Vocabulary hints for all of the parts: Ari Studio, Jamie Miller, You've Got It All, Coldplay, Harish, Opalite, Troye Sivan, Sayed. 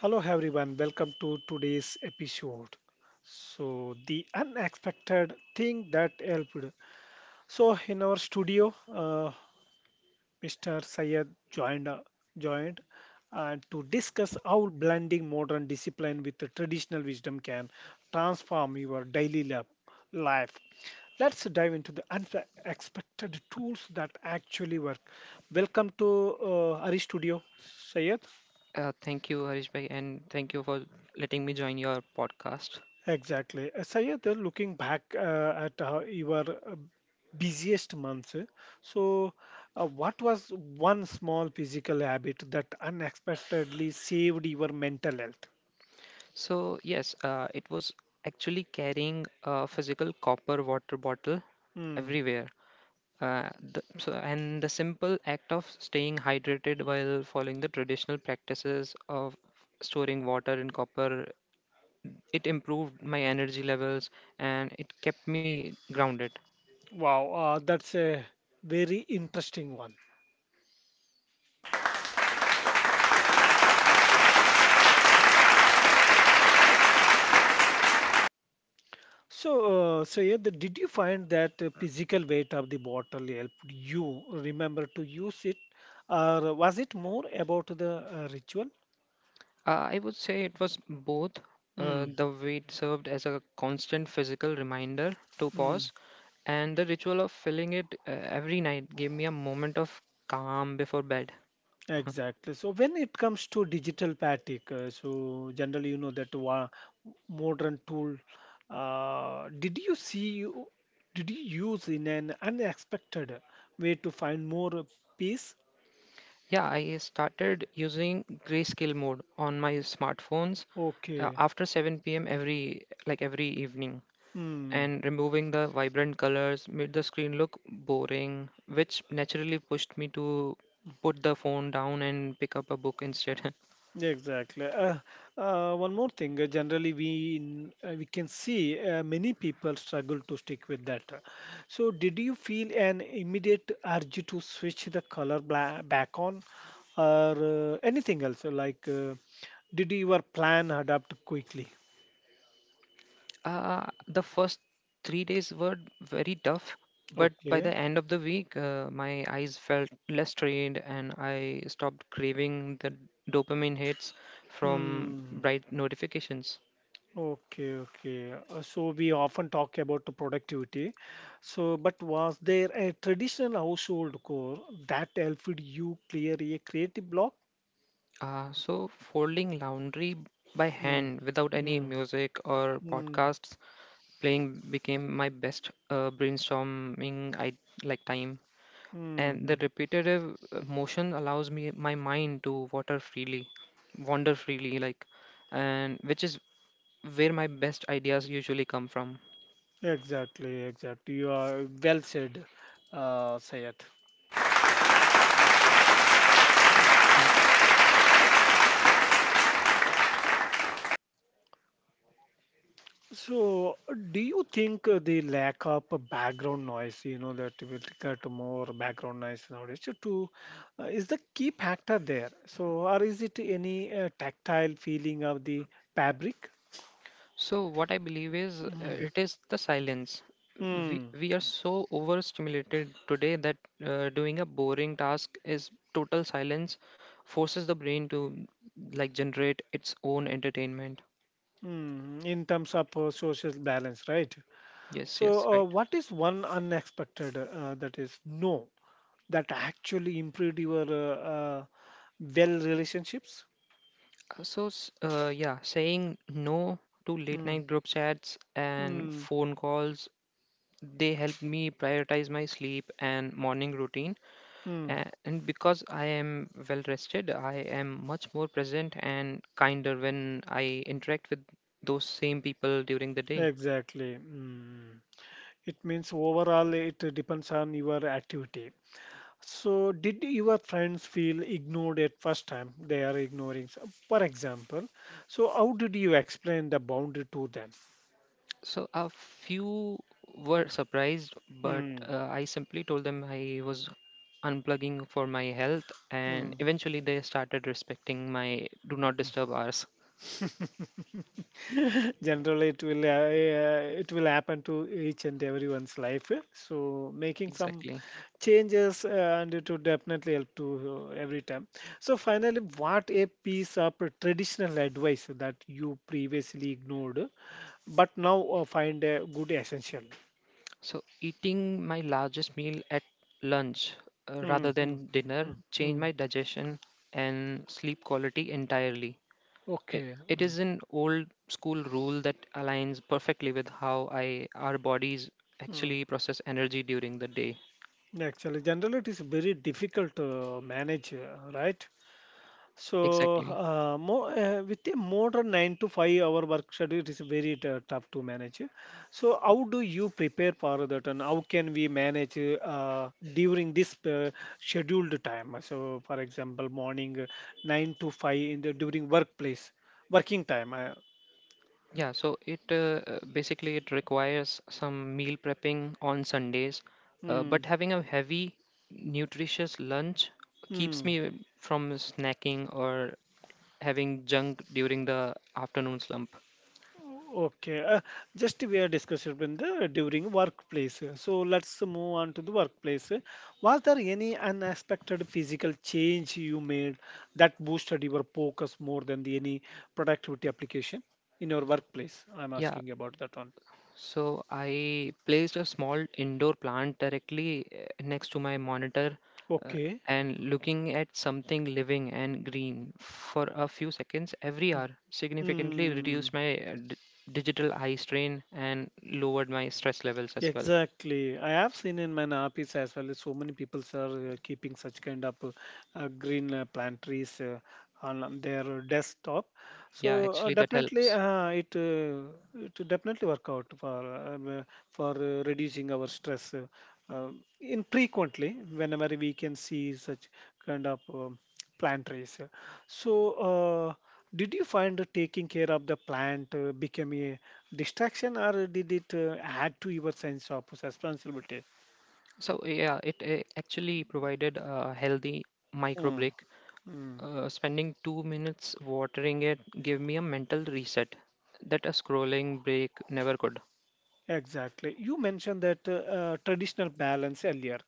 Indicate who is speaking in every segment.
Speaker 1: Hello, everyone. Welcome to today's episode. So, the unexpected thing that helped. So, in our studio, Mr. Sayed joined joined to discuss how blending modern discipline with the traditional wisdom can transform your daily life. Let's dive into the unexpected tools that actually work. Welcome to Ari Studio, Sayed.
Speaker 2: Thank you, Harish bhai, and thank you for letting me join your podcast.
Speaker 1: Exactly. Sayed, looking back at your busiest months, so what was one small physical habit that unexpectedly saved your mental health?
Speaker 2: So, yes, it was actually carrying a physical copper water bottle
Speaker 1: Hmm.
Speaker 2: everywhere. And the simple act of staying hydrated while following the traditional practices of storing water in copper, it improved my energy levels and it kept me grounded.
Speaker 1: Wow, that's a very interesting one. So, Sayed, did you find that physical weight of the bottle helped you remember to use it, or was it more about the ritual?
Speaker 2: I would say it was both.
Speaker 1: Hmm.
Speaker 2: The weight served as a constant physical reminder to
Speaker 1: Hmm.
Speaker 2: pause, and the ritual of filling it every night gave me a moment of calm before bed.
Speaker 1: Exactly. So when it comes to digital fatigue, so generally you know that modern tool. Did you see? Did you use in an unexpected way to find more peace?
Speaker 2: Yeah, I started using grayscale mode on my smartphones
Speaker 1: Okay.
Speaker 2: after 7 p.m. every evening,
Speaker 1: Hmm.
Speaker 2: and removing the vibrant colors made the screen look boring, which naturally pushed me to put the phone down and pick up a book instead.
Speaker 1: Exactly. One more thing. Generally, we can see many people struggle to stick with that. So, did you feel an immediate urge to switch the color bla back on, or anything else? Like, did your plan adapt quickly?
Speaker 2: The first 3 days were very tough, but by the
Speaker 1: Okay.
Speaker 2: end of the week, my eyes felt less strained and I stopped craving the dopamine hits from
Speaker 1: Hmm.
Speaker 2: bright notifications.
Speaker 1: Okay, okay. So we often talk about the productivity. So, but was there a traditional household core that helped you clear a creative block?
Speaker 2: Folding laundry by
Speaker 1: Mm,
Speaker 2: hand without any
Speaker 1: mm,
Speaker 2: music or
Speaker 1: mm,
Speaker 2: podcasts playing became my best brainstorming I like time. And the
Speaker 1: mm.
Speaker 2: repetitive motion allows me my mind to water freely wander freely and which is where my best ideas usually come from.
Speaker 1: Exactly, exactly. You are well said, Sayed.
Speaker 2: Yes.
Speaker 1: So, do you think the lack of a background noise, you know, that will get more background noise nowadays, is the key factor there? So, or is it any tactile feeling of the fabric?
Speaker 2: So what I believe is,
Speaker 1: Mm.
Speaker 2: it is the silence. we
Speaker 1: Mm.
Speaker 2: we are so overstimulated today that doing a boring task is total silence, forces the brain to generate its own entertainment.
Speaker 1: Mm. In terms of social balance, right?
Speaker 2: Yes, yes,
Speaker 1: So,
Speaker 2: right.
Speaker 1: what is one unexpected that is no that actually improved your well relationships?
Speaker 2: Yeah, saying no to late
Speaker 1: Mm.
Speaker 2: night group chats and
Speaker 1: Mm.
Speaker 2: phone calls, they help me prioritize my sleep and morning routine.
Speaker 1: Mm.
Speaker 2: And because I am well rested, I am much more present and kinder when I interact with those same people during the day.
Speaker 1: Exactly. Mm. It means overall it depends on your activity. So, did your friends feel ignored at first time? They are ignoring, for example. So, how did you explain the boundary to them?
Speaker 2: So, a few were surprised, but
Speaker 1: Hmm.
Speaker 2: I simply told them I was unplugging for my health, and
Speaker 1: Hmm.
Speaker 2: eventually they started respecting my do not disturb hours.
Speaker 1: Generally, it will happen to each and everyone's life. Eh. So, making some
Speaker 2: Exactly.
Speaker 1: changes and it would definitely help to every time. So, finally, what a piece of traditional advice that you previously ignored but now find a good essential.
Speaker 2: So eating my largest meal at lunch rather
Speaker 1: Mm, mm,
Speaker 2: than dinner
Speaker 1: mm,
Speaker 2: changed
Speaker 1: mm.
Speaker 2: my digestion and sleep quality entirely. It,
Speaker 1: Okay.
Speaker 2: it
Speaker 1: Mm,
Speaker 2: is an old school rule that aligns perfectly with how I our bodies
Speaker 1: mm.
Speaker 2: actually process energy during the day.
Speaker 1: Actually, generally it is very difficult to manage, right? So,
Speaker 2: Exactly.
Speaker 1: with a modern 9 to 5 hour work schedule, it is very tough to manage. So, how do you prepare for that, and how can we manage during this scheduled time? So, for example, morning nine to five in the during workplace working time.
Speaker 2: Yeah, so it basically it requires some meal prepping on Sundays, but
Speaker 1: Hmm.
Speaker 2: having a heavy, nutritious lunch keeps
Speaker 1: Hmm.
Speaker 2: me from snacking or having junk during the afternoon slump.
Speaker 1: Okay. Just we are discussing in the during workplace. So let's move on to the workplace. Was there any unexpected physical change you made that boosted your focus more than the any productivity application in your workplace? I'm
Speaker 2: Yeah,
Speaker 1: asking about that one.
Speaker 2: so I placed a small indoor plant directly next to my monitor uh,
Speaker 1: Okay.
Speaker 2: and looking at something living and green for a few seconds every hour significantly
Speaker 1: Hmm.
Speaker 2: reduced my digital eye strain and lowered my stress levels as well.
Speaker 1: Exactly. I have seen in my office as well. So many people are keeping such kind of green plant trees on their desktop.
Speaker 2: Yeah,
Speaker 1: So
Speaker 2: actually, that
Speaker 1: definitely,
Speaker 2: helps.
Speaker 1: it definitely work out for reducing our stress. Uh, in frequently, whenever we can see such kind of plant trees. So, did you find that taking care of the plant became a distraction or did it add to your sense of responsibility?
Speaker 2: So, yeah, it actually provided a healthy micro
Speaker 1: Mm,
Speaker 2: break.
Speaker 1: mm,
Speaker 2: Spending 2 minutes watering it gave me a mental reset that a scrolling break never could.
Speaker 1: exactly. You mentioned that traditional balance earlier.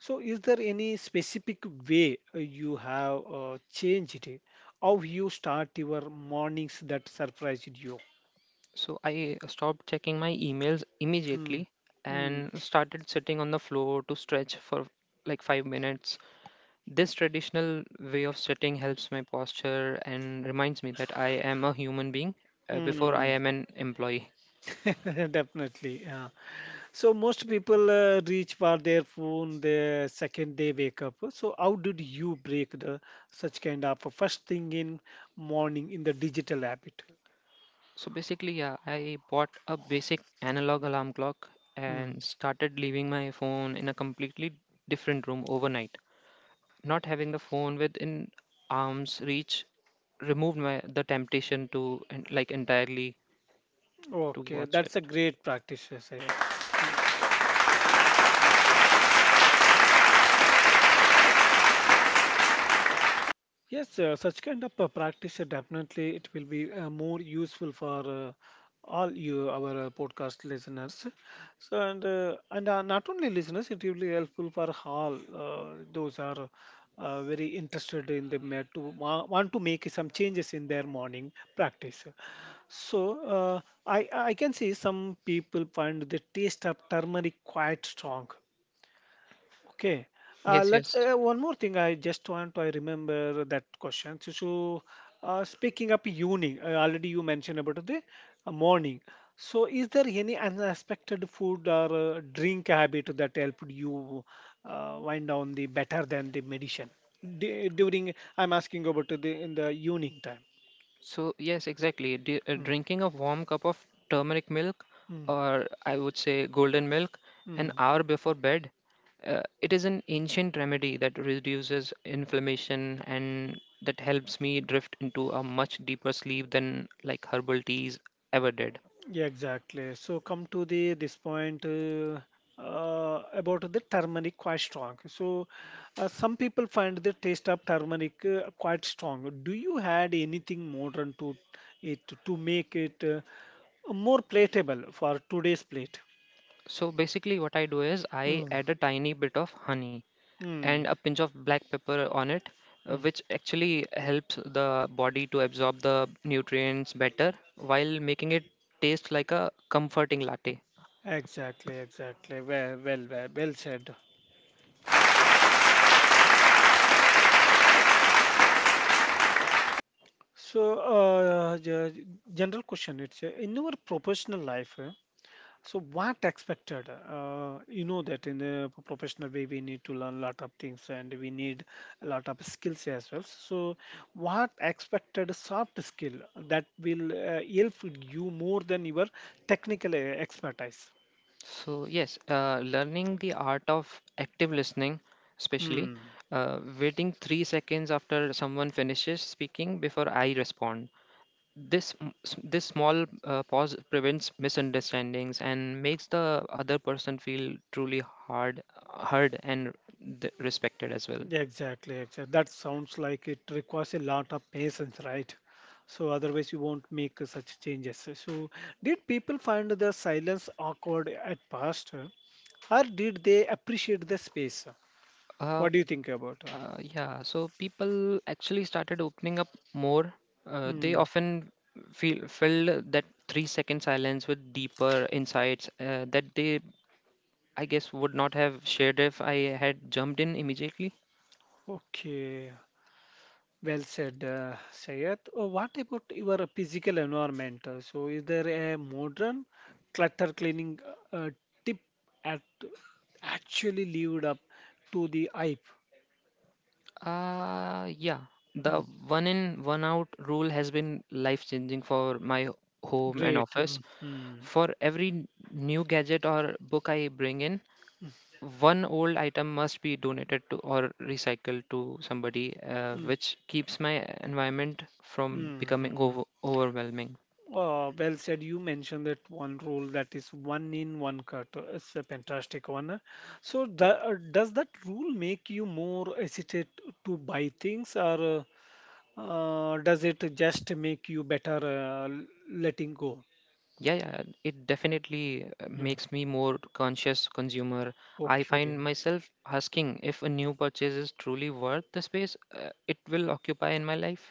Speaker 1: So, is there any specific way you have changed it? How you start your mornings that surprised you?
Speaker 2: So I stopped checking my emails
Speaker 1: Mm,
Speaker 2: immediately
Speaker 1: mm,
Speaker 2: and started sitting on the floor to stretch for 5 minutes. This traditional way of sitting helps my posture and reminds me that I am a human being before I
Speaker 1: mm.
Speaker 2: am an employee.
Speaker 1: Definitely. Yeah. So most people reach for their phone the second they wake up. So how did you break the such kind of a first thing in morning in the digital habit?
Speaker 2: So basically, yeah, I bought a basic analog alarm clock
Speaker 1: Mm.
Speaker 2: and started leaving my phone in a completely different room overnight. Not having the phone within arm's reach removed my the temptation to entirely to
Speaker 1: Okay,
Speaker 2: watch
Speaker 1: that's
Speaker 2: it.
Speaker 1: a great practice, Sayed. Yes, such kind of practice definitely it will be more useful for all you our podcast listeners. So and not only listeners, it will be helpful for all those are very interested in the want to make some changes in their morning practice. So uh, I can see some people find the taste of turmeric quite strong. Okay. Uh,
Speaker 2: Yes,
Speaker 1: let's
Speaker 2: yes.
Speaker 1: uh, one more thing. I just want to I remember that question. So, speaking up evening, already you mentioned about the morning. So, is there any unexpected food or drink habit that helped you wind down the better than the medicine during? I'm asking about the in the evening time.
Speaker 2: So yes, exactly.
Speaker 1: Mm,
Speaker 2: Drinking a warm cup of turmeric milk,
Speaker 1: mm,
Speaker 2: or I would say golden milk, an
Speaker 1: mm.
Speaker 2: hour before bed. It is an ancient remedy that reduces inflammation and that helps me drift into a much deeper sleep than herbal teas ever did.
Speaker 1: Yeah, exactly. So come to the this point about the turmeric quite strong. So some people find the taste of turmeric quite strong. Do you add anything modern to it to make it more palatable for today's plate?
Speaker 2: So basically, what I do is I
Speaker 1: Mm,
Speaker 2: add a tiny bit of honey and
Speaker 1: mm,
Speaker 2: a pinch of black pepper on it,
Speaker 1: mm.
Speaker 2: which actually helps the body to absorb the nutrients better while making it taste like a comforting latte.
Speaker 1: Exactly, exactly. Well, well, well, well said. So, general question. It's in your professional life. So what expected? You know that in the professional way we need to learn a lot of things and we need a lot of skills as well. So what expected soft skill that will help you more than your technical expertise?
Speaker 2: So, yes, learning the art of active listening, especially
Speaker 1: Hmm.
Speaker 2: waiting 3 seconds after someone finishes speaking before I respond. This small pause prevents misunderstandings and makes the other person feel truly hard, heard and respected as well.
Speaker 1: Exactly, exactly. That sounds like it requires a lot of patience, right? So otherwise you won't make such changes. So did people find the silence awkward at first, or did they appreciate the space?
Speaker 2: Uh,
Speaker 1: What do you think about? Her?
Speaker 2: yeah, so people actually started opening up more. They
Speaker 1: Hmm.
Speaker 2: often feel filled that 3 second silence with deeper insights that they, I guess, would not have shared if I had jumped in immediately.
Speaker 1: Okay, well said, Sayed. What about your physical environment? So, is there a modern clutter cleaning tip at actually lived up to the hype?
Speaker 2: Uh, yeah, the
Speaker 1: Mm,
Speaker 2: one in, one out rule has been life changing for my home and
Speaker 1: great.
Speaker 2: office.
Speaker 1: Mm, mm,
Speaker 2: For every new gadget or book I bring in, one old item must be donated to or recycled to somebody,
Speaker 1: mm, mm,
Speaker 2: which keeps my environment from
Speaker 1: mm,
Speaker 2: becoming
Speaker 1: mm.
Speaker 2: overwhelming.
Speaker 1: Well said. You mentioned that one rule that is one in, one cut. It's a fantastic one. So, does that rule make you more hesitant to buy things, or does it just make you better letting go?
Speaker 2: Yeah, yeah, it definitely
Speaker 1: Hmm,
Speaker 2: makes me more conscious consumer. I find
Speaker 1: okay.
Speaker 2: myself asking if a new purchase is truly worth the space it will occupy in my life.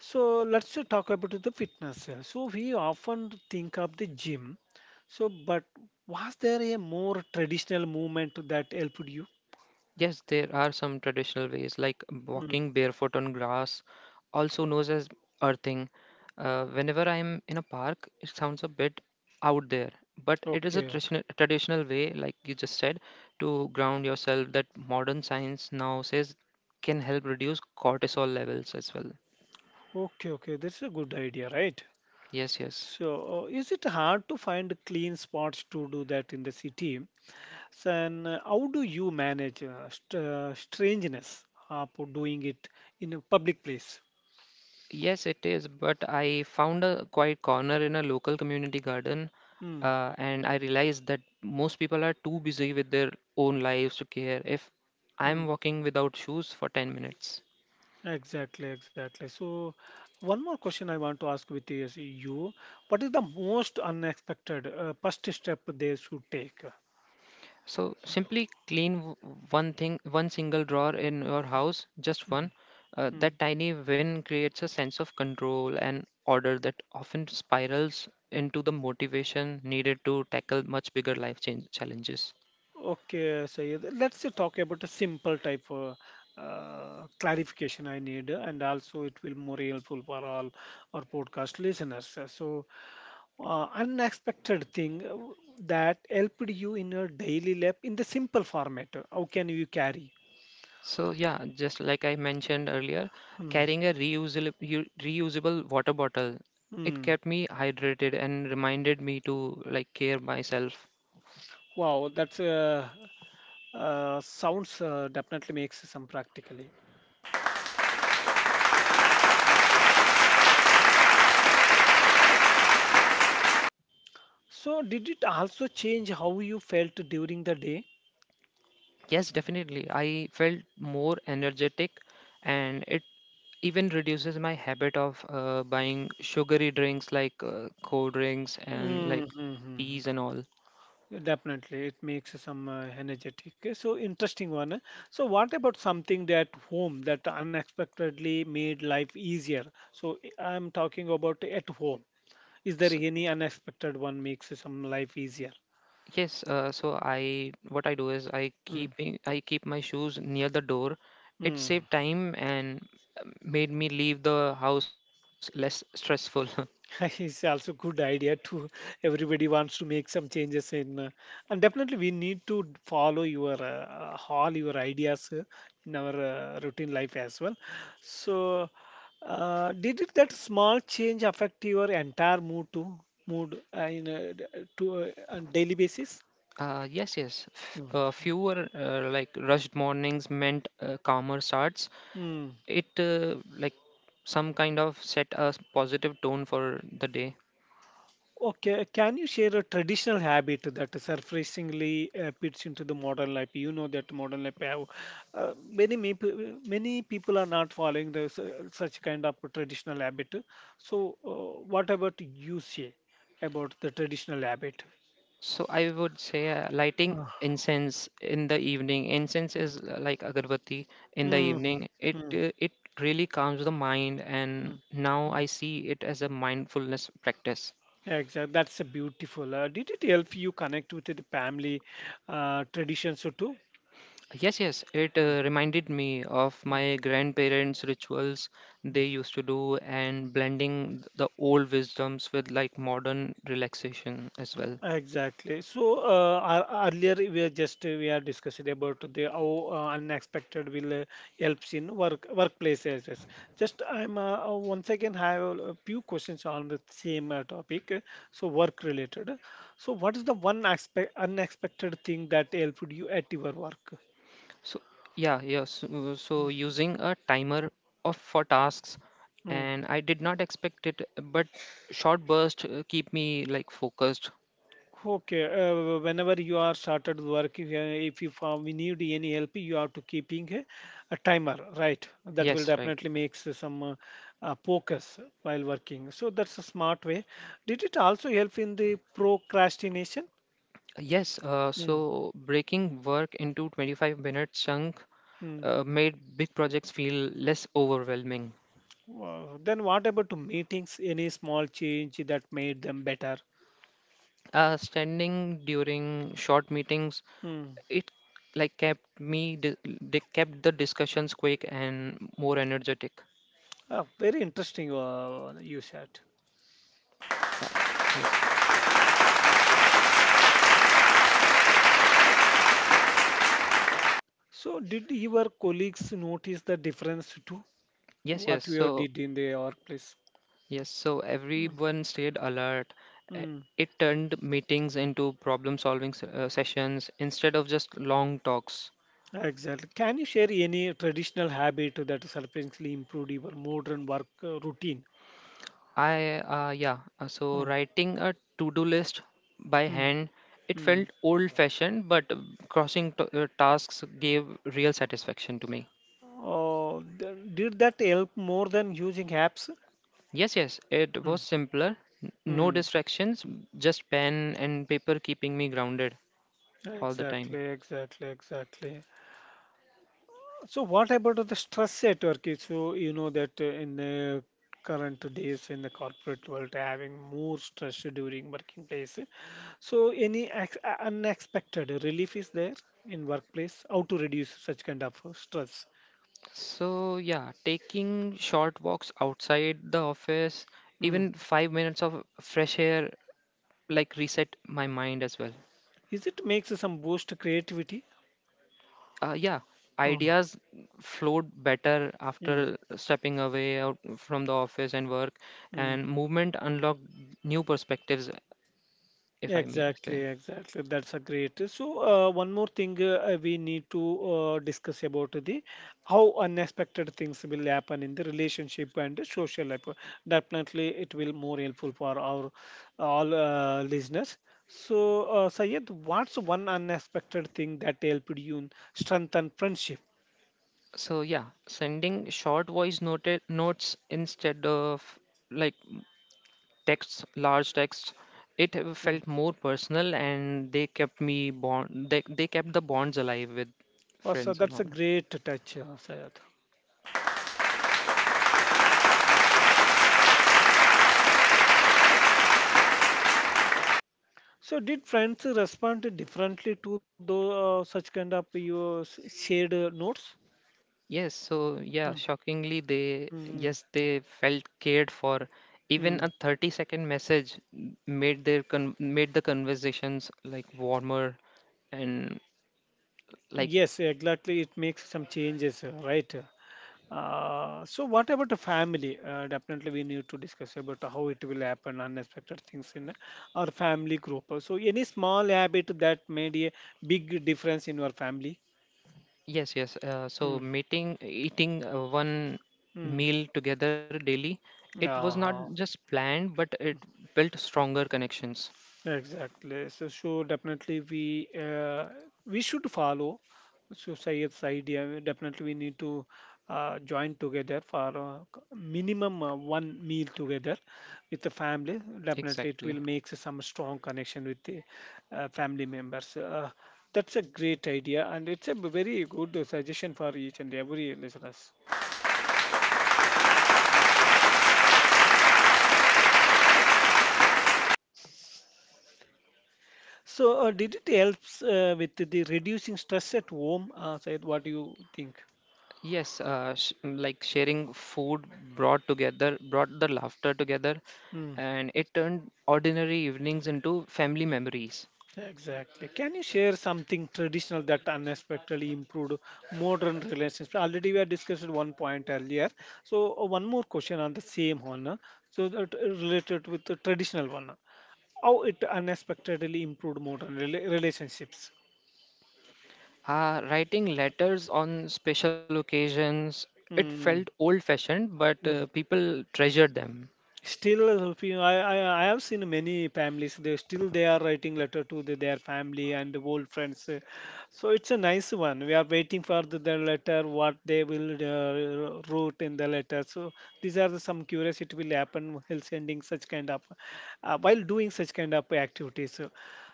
Speaker 1: So let's just talk about the fitness. So we often think of the gym. So, but was there a more traditional movement that helped you?
Speaker 2: Yes, there are some traditional ways like
Speaker 1: Hmm,
Speaker 2: walking barefoot on grass, also known as earthing. Whenever I'm in a park, it sounds a bit out there, but it is a
Speaker 1: okay.
Speaker 2: traditional way, like you just said, to ground yourself that modern science now says can help reduce cortisol levels as well.
Speaker 1: Okay, okay, that's a good idea, right?
Speaker 2: Yes, yes.
Speaker 1: So, is it hard to find clean spots to do that in the city? So, and how do you manage strangeness for doing it in a public place?
Speaker 2: Yes, it is, but I found a quiet corner in a local community garden,
Speaker 1: Mm,
Speaker 2: and I realized that most people are too busy with their own lives to care if
Speaker 1: mm,
Speaker 2: I'm walking without shoes for 10 minutes.
Speaker 1: exactly, exactly. So, one more question I want to ask with is you, what is the most unexpected first step they should take?
Speaker 2: So simply one thing, one single drawer in your house, just
Speaker 1: Mm,
Speaker 2: one.
Speaker 1: mm.
Speaker 2: That tiny win creates a sense of control and order that often spirals into the motivation needed to tackle much bigger life change challenges.
Speaker 1: Okay, so yeah, let's talk about a simple type of clarification I need, and also it will more helpful for all our podcast listeners. So, unexpected thing that helped you in your daily life in the simple format. How can you carry?
Speaker 2: So yeah, just like I mentioned earlier,
Speaker 1: Hmm.
Speaker 2: carrying a reusable water bottle, it
Speaker 1: Hmm.
Speaker 2: kept me hydrated and reminded me to care myself.
Speaker 1: Wow, that's sounds definitely makes some practically. So, did it also change how you felt during the day?
Speaker 2: Yes, definitely. I felt more energetic and it even reduces my habit of buying sugary drinks like cold drinks and like
Speaker 1: Mm-hmm.
Speaker 2: teas and all.
Speaker 1: Yeah, definitely, it makes some energetic. Eh? So interesting one. Eh? So what about something that home that unexpectedly made life easier? So eh, I'm talking about at home. Is there any unexpected one makes some life easier?
Speaker 2: Yes, so I what I do is I keep my shoes near the door. It
Speaker 1: Mm.
Speaker 2: saved time and uh, made me leave the house less stressful.
Speaker 1: It's also good idea to everybody wants to make some changes in and definitely we need to follow your all your ideas in our routine life as well. So did it, that small change affect your entire mood too mood in a, to on daily basis?
Speaker 2: Yes, yes. F
Speaker 1: Mm.
Speaker 2: Fewer rushed mornings meant calmer starts.
Speaker 1: mm.
Speaker 2: It some kind of set a positive tone for the day.
Speaker 1: Okay, can you share a traditional habit that surprisingly fits into the modern life? You know that modern life have many people are not following this such kind of traditional habit. So, what about you say about the traditional habit?
Speaker 2: So I would say lighting
Speaker 1: Ah.
Speaker 2: incense in the evening. Incense is
Speaker 1: Mm,
Speaker 2: like agarbatti in the
Speaker 1: mm,
Speaker 2: evening. It
Speaker 1: mm,
Speaker 2: uh, it really calms the mind, and
Speaker 1: mm,
Speaker 2: now
Speaker 1: mm.
Speaker 2: I see it as a mindfulness practice.
Speaker 1: Exactly, that's a beautiful. Did it help you connect with the family traditions too?
Speaker 2: Yes, yes, it reminded me of
Speaker 1: Mm,
Speaker 2: my grandparents' rituals they used to do, and blending the old wisdoms with modern relaxation as well.
Speaker 1: exactly. Earlier we are discussing about the how unexpected will helps in work workplaces. Yes. Just I'm once again have a few questions on the same topic, so work related. So what is the one aspect unexpected thing that helped you at your work?
Speaker 2: So yeah, yeah. So using a timer of for tasks,
Speaker 1: Hmm.
Speaker 2: and I did not expect it, but short bursts keep me focused.
Speaker 1: Okay, whenever you are started working, if you found we need any help, you have to keeping a timer, right? That will
Speaker 2: Yes, right.
Speaker 1: definitely
Speaker 2: Right.
Speaker 1: makes some focus while working. So that's a smart way. Did it also help in the procrastination?
Speaker 2: Yes.
Speaker 1: Mm,
Speaker 2: So breaking work into 25-minute chunk
Speaker 1: mm.
Speaker 2: made big projects feel less overwhelming.
Speaker 1: Wow. Then what about to meetings? Any small change that made them better?
Speaker 2: Standing during short meetings,
Speaker 1: Hmm.
Speaker 2: it like kept me di- they kept the discussions quick and more energetic.
Speaker 1: Ah, very interesting, you said.
Speaker 2: Uh, yes.
Speaker 1: So, did your colleagues notice the difference too?
Speaker 2: Yes, yes.
Speaker 1: What you
Speaker 2: So.
Speaker 1: did in the workplace?
Speaker 2: Yes, so
Speaker 1: Mm,
Speaker 2: everyone stayed alert. Uh,
Speaker 1: mm.
Speaker 2: It turned meetings into problem solving sessions instead of just long talks.
Speaker 1: Exactly. Can you share any traditional habit that surprisingly improved your modern work routine?
Speaker 2: I, yeah, so
Speaker 1: Mm,
Speaker 2: Writing a to do list by
Speaker 1: mm,
Speaker 2: hand, it
Speaker 1: mm.
Speaker 2: felt old fashioned, but crossing tasks gave real satisfaction to me.
Speaker 1: Oh, did that help more than using apps?
Speaker 2: Yes, yes, it
Speaker 1: Mm,
Speaker 2: was simpler. n- No
Speaker 1: mm.
Speaker 2: distractions, just pen and paper keeping me grounded all the time.
Speaker 1: Exactly, exactly, exactly. So what about the stress at work? So you know that in the current days in the corporate world, having more stress during working place. So any unexpected relief is there in workplace? How to reduce such kind of stress?
Speaker 2: So, yeah, taking short walks outside the office,
Speaker 1: Mm.
Speaker 2: even 5 minutes of fresh air, reset my mind as well.
Speaker 1: Is it makes some boost creativity?
Speaker 2: Uh, yeah, Ideas flowed better
Speaker 1: Mm.
Speaker 2: after stepping away out from the office and work, and
Speaker 1: Mm.
Speaker 2: movement unlocked new perspectives, if I may say.
Speaker 1: Exactly, exactly. That's a great. So, one more thing we need to discuss about the how unexpected things will happen in the relationship and the social life. Definitely, it will more helpful for our all listeners. So, Sayed, what's one unexpected thing that helped you in strengthen friendship?
Speaker 2: So, yeah, sending short voice noted notes instead of like texts, large texts. It
Speaker 1: Mm.
Speaker 2: felt more personal, and they kept the bonds alive with
Speaker 1: Also,
Speaker 2: friends and
Speaker 1: that's a
Speaker 2: all.
Speaker 1: great touch, Sayed. So, did friends respond differently to those such kind of your shared notes?
Speaker 2: Yes, so yeah,
Speaker 1: Hmm.
Speaker 2: shockingly, they
Speaker 1: Mm,
Speaker 2: yes they felt cared for. Even
Speaker 1: mm.
Speaker 2: a 30-second message made the conversations warmer and like.
Speaker 1: Yes, exactly. It makes some changes, right? So what about the family? Definitely we need to discuss about how it will happen, unexpected things in our family group. So any small habit that made a big difference in your family?
Speaker 2: Yes, yes, so
Speaker 1: Mm,
Speaker 2: meeting eating one
Speaker 1: mm.
Speaker 2: meal together daily, it was not
Speaker 1: Uh-huh.
Speaker 2: just planned but it built stronger connections.
Speaker 1: Exactly. So definitely we we should follow So society's idea. Definitely we need to join together for c- minimum one meal together with the family. Definitely it
Speaker 2: Exactly.
Speaker 1: will make some strong connection with the family members. That's a great idea and it's a very good suggestion for each and every listeners. So did it helps with the reducing stress at home? Syed, what do you think?
Speaker 2: Yes, sharing food brought the laughter together,
Speaker 1: Hmm.
Speaker 2: and it turned ordinary evenings into family memories.
Speaker 1: Exactly. Can you share something traditional that unexpectedly improved modern relationships? Already we have discussed one point earlier. So one more question on the same one. So that related with the traditional one. How it unexpectedly improved modern relationships?
Speaker 2: Writing letters on special occasions, it felt
Speaker 1: Mm.
Speaker 2: old fashioned, but people treasured them.
Speaker 1: Still, if you- I have seen many families. They are writing letter to their family and old friends. So it's a nice one. We are waiting for the letter. What they will wrote in the letter. So these are some curiosity will happen while sending such kind of while doing such kind of activities. So,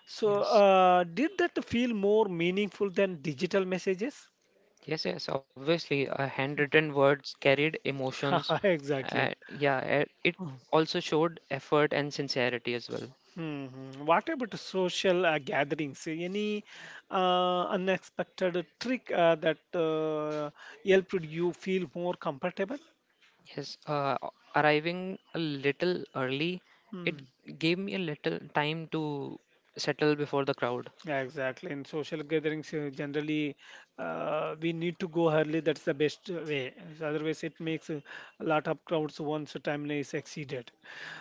Speaker 1: so
Speaker 2: Yes,
Speaker 1: did that feel more meaningful than digital messages?
Speaker 2: yes, yes, obviously, handwritten words carried emotions.
Speaker 1: exactly.
Speaker 2: Yeah, it
Speaker 1: Hmm.
Speaker 2: also showed effort and sincerity as well.
Speaker 1: Hmm. What about social gatherings? Any unexpected trick that helped you feel more comfortable?
Speaker 2: Yes, arriving a little early, it
Speaker 1: Hmm.
Speaker 2: gave me a little time to settle before the crowd.
Speaker 1: Yeah, exactly. In social gatherings, generally, we need to go early. That's the best way. So otherwise, it makes a lot of crowds once the timeline is exceeded.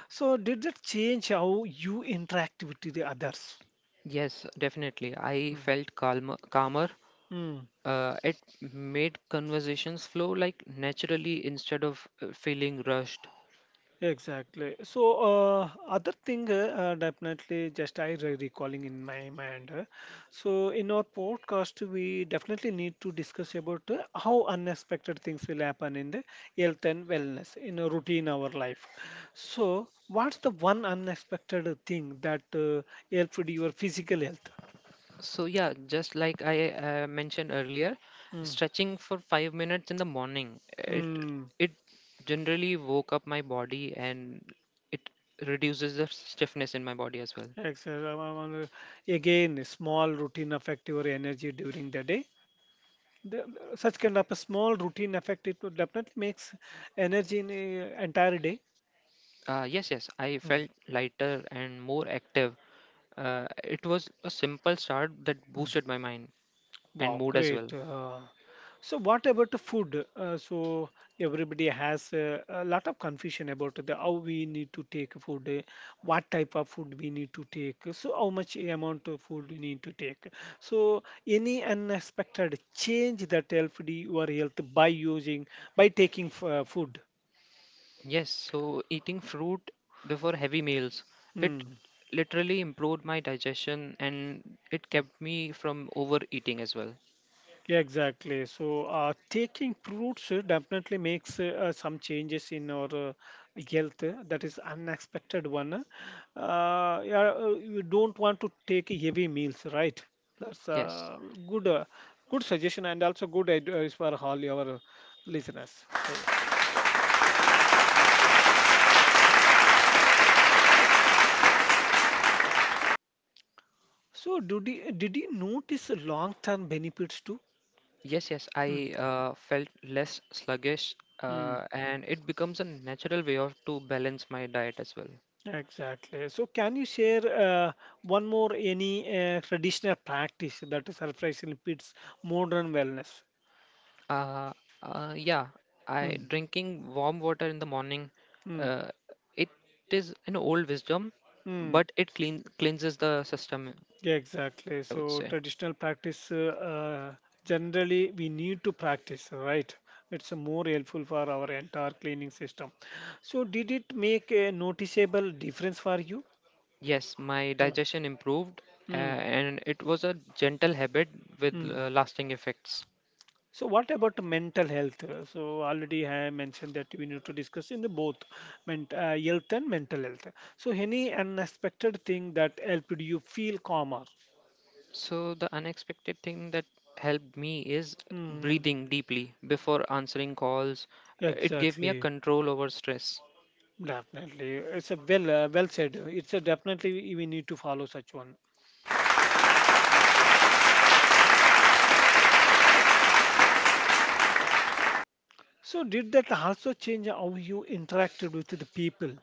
Speaker 1: So, did that change how you interact with the others?
Speaker 2: Yes, definitely. I felt calmer, calmer.
Speaker 1: Mm.
Speaker 2: It made conversations flow naturally instead of feeling rushed.
Speaker 1: Exactly. So, other thing, definitely, just I recalling in my mind. So, in our podcast, we definitely need to discuss about how unexpected things will happen in the health and wellness in a routine our life. So, what's the one unexpected thing that helped your physical health?
Speaker 2: So yeah, just like I mentioned earlier,
Speaker 1: Mm.
Speaker 2: stretching for 5 minutes in the morning, it
Speaker 1: Mm.
Speaker 2: it generally woke up my body and it reduces the stiffness in my body as well.
Speaker 1: Exactly. Again, a small routine affect your energy during the day. the, Such kind of a small routine effect it would definitely makes energy in a entire day.
Speaker 2: Yes, yes, I
Speaker 1: Mm,
Speaker 2: felt lighter and more active. It was a simple start that boosted
Speaker 1: mm.
Speaker 2: my mind and
Speaker 1: Wow,
Speaker 2: mood as
Speaker 1: great
Speaker 2: well.
Speaker 1: uh, So what about the food? So everybody has a lot of confusion about the how we need to take food, what type of food we need to take, so how much amount of food we need to take, so any unexpected change that helped your health by using by taking food?
Speaker 2: Yes, so eating fruit before heavy meals, it
Speaker 1: Mm.
Speaker 2: literally improved my digestion and it kept me from overeating as well.
Speaker 1: Yeah, exactly. So, taking fruits definitely makes some changes in our health. That is unexpected one. Yeah, you don't want to take heavy meals, right? That's a
Speaker 2: Yes,
Speaker 1: good, good suggestion and also good advice for all your listeners. Yeah. So, did you notice long-term benefits too?
Speaker 2: yes, yes, I felt less sluggish
Speaker 1: Mm.
Speaker 2: and it becomes a natural way of to balance my diet as well.
Speaker 1: Exactly. So, can you share one more any traditional practice that surprisingly fits modern wellness?
Speaker 2: Uh, yeah, I
Speaker 1: Mm,
Speaker 2: Drinking warm water in the morning.
Speaker 1: mm,
Speaker 2: Uh, it is an old wisdom,
Speaker 1: mm.
Speaker 2: but it cleanses the system.
Speaker 1: Yeah, exactly.
Speaker 2: I would
Speaker 1: So,
Speaker 2: say
Speaker 1: traditional practice generally we need to practice, right? It's more helpful for our entire cleaning system. So, did it make a noticeable difference for you?
Speaker 2: yes. My
Speaker 1: Mm,
Speaker 2: digestion improved,
Speaker 1: mm,
Speaker 2: and it was a gentle habit with
Speaker 1: mm.
Speaker 2: lasting effects.
Speaker 1: So what about mental health? So already I mentioned that we need to discuss in the both health and mental health. So any unexpected thing that helped you feel calmer?
Speaker 2: So the unexpected thing that helped me is
Speaker 1: Hmm.
Speaker 2: breathing deeply before answering calls. It gave me a
Speaker 1: Exactly.
Speaker 2: control over stress.
Speaker 1: Definitely. It's a well said. It's a definitely we need to follow such one. So did that also change how you interacted with the people?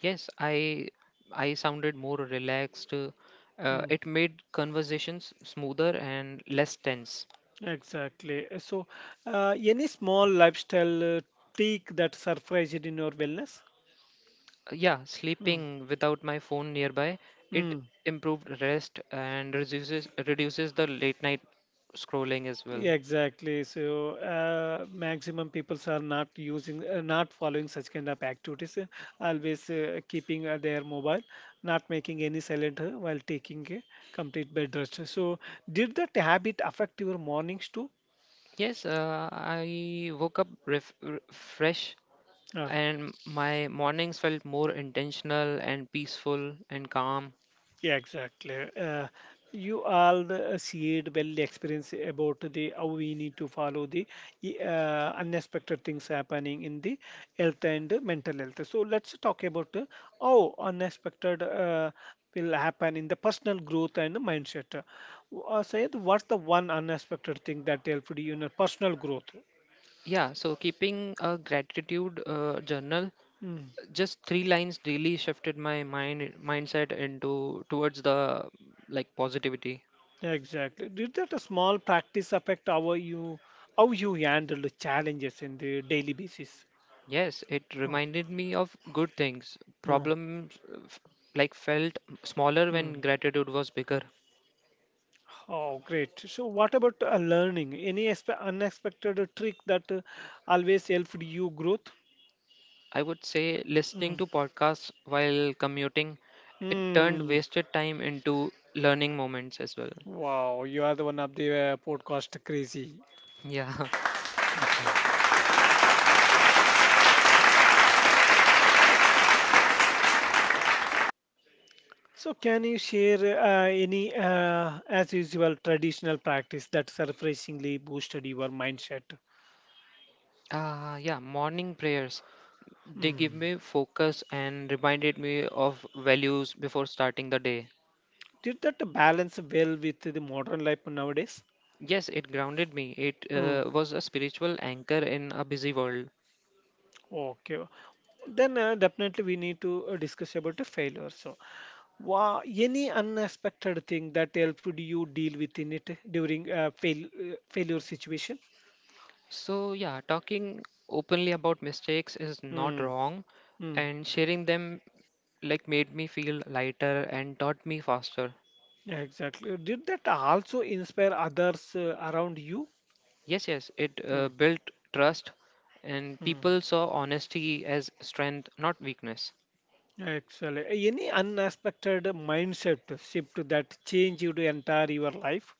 Speaker 2: Yes, I sounded more relaxed.
Speaker 1: Hmm.
Speaker 2: It made conversations smoother and less tense.
Speaker 1: Exactly. So any small lifestyle tweak that surprised in your wellness?
Speaker 2: Yeah,
Speaker 1: Hmm.
Speaker 2: sleeping without my phone nearby,
Speaker 1: Hmm.
Speaker 2: it improved rest and reduces the late night scrolling as well.
Speaker 1: Yeah, exactly. So maximum peoples are not using, not following such kind of activities. Always keeping their mobile, not making any silent while taking a complete bed rest. So did that habit affect your mornings too?
Speaker 2: Yes, I woke up fresh and my mornings felt more intentional and peaceful and calm.
Speaker 1: Yeah, exactly. You all see it well experience about the how we need to follow the unexpected things happening in the health and mental health. So let's talk about how unexpected will happen in the personal growth and mindset. Sayed, what's the one unexpected thing that helped you in your personal growth?
Speaker 2: Yeah, so keeping a gratitude journal,
Speaker 1: Mm,
Speaker 2: just three lines really shifted my mindset into towards the positivity.
Speaker 1: exactly. Did that a small practice affect how you handle the challenges in the daily basis?
Speaker 2: Yes, it
Speaker 1: Huh,
Speaker 2: reminded me of good things.
Speaker 1: huh.
Speaker 2: Problems felt smaller
Speaker 1: Mm.
Speaker 2: when gratitude was bigger.
Speaker 1: Oh, great. So, what about learning? Any unexpected trick that always helped you growth?
Speaker 2: I would say listening
Speaker 1: Mm.
Speaker 2: to podcasts while commuting, it turned
Speaker 1: Mm.
Speaker 2: wasted time into learning moments as well.
Speaker 1: Wow, you are the one of the podcast crazy.
Speaker 2: Yeah.
Speaker 1: So, can you share any, as usual, traditional practice that surprisingly boosted your mindset?
Speaker 2: Yeah Morning prayers, they
Speaker 1: Hmm.
Speaker 2: give me focus and reminded me of values before starting the day.
Speaker 1: Did that balance well with the modern life nowadays?
Speaker 2: Yes, it grounded me. It
Speaker 1: Hmm.
Speaker 2: was a spiritual anchor in a busy world.
Speaker 1: Okay. Then definitely we need to discuss about the failure. So, wha any unexpected thing that helped you deal with in it during a failure situation?
Speaker 2: So, yeah, talking openly about mistakes is not
Speaker 1: Mm,
Speaker 2: wrong,
Speaker 1: mm,
Speaker 2: and sharing them made me feel lighter and taught me faster.
Speaker 1: yeah, exactly. Did that also inspire others around you?
Speaker 2: Yes, yes, it
Speaker 1: Mm,
Speaker 2: built trust, and
Speaker 1: mm.
Speaker 2: people saw honesty as strength, not weakness.
Speaker 1: Actually, any unexpected mindset shift that changed your entire your life?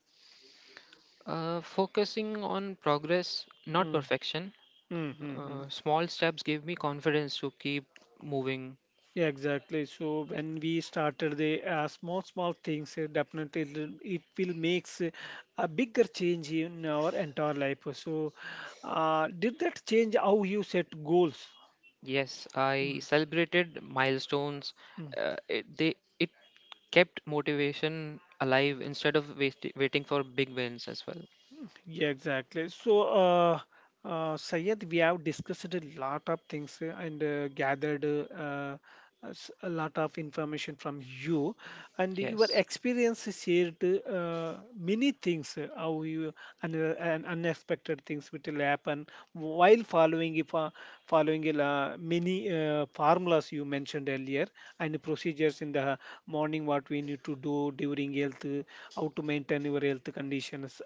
Speaker 2: Focusing on progress, not
Speaker 1: Mm,
Speaker 2: perfection.
Speaker 1: mm, mm, mm.
Speaker 2: Small steps gave me confidence to keep moving.
Speaker 1: Yeah, exactly. So when we started the small, small things, definitely it will makes a bigger change in our entire life. So, did that change how you set goals?
Speaker 2: Yes,
Speaker 1: Mm.
Speaker 2: I celebrated milestones. It kept motivation alive instead of waiting for big wins as well.
Speaker 1: Yeah, exactly. So, Sayed, we have discussed a lot of things and gathered a lot of information from you, and your
Speaker 2: Yes,
Speaker 1: experience shared many things how you and and unexpected things which will happen while following if following many formulas you mentioned earlier and procedures in the morning what we need to do during health, how to maintain your health conditions,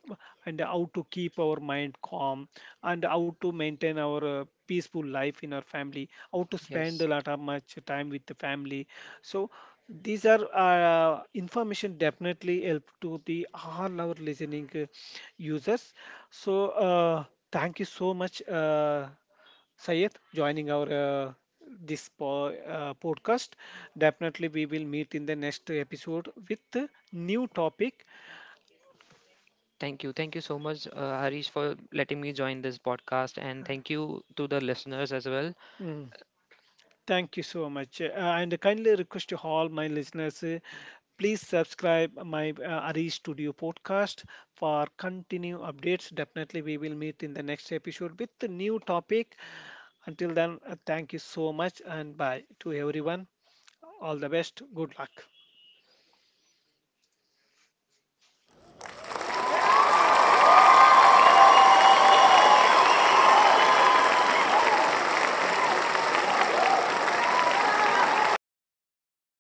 Speaker 1: and how to keep our mind calm, and how to maintain our peaceful life in our family, how to spend
Speaker 2: yes.
Speaker 1: a lot of much time with the family. So these are information definitely help to the all our listening users. So uh, thank you so much. Sayed joining our this podcast. Definitely, we will meet in the next episode with a new topic.
Speaker 2: Thank you so much, Harish, for letting me join this podcast, and thank you to the listeners as well.
Speaker 1: Mm. Thank you so much, and kindly request to all my listeners. Please subscribe my Ari Studio podcast for continue updates. Definitely, we will meet in the next episode with a new topic. Until then, thank you so much and bye to everyone. All the best. Good luck.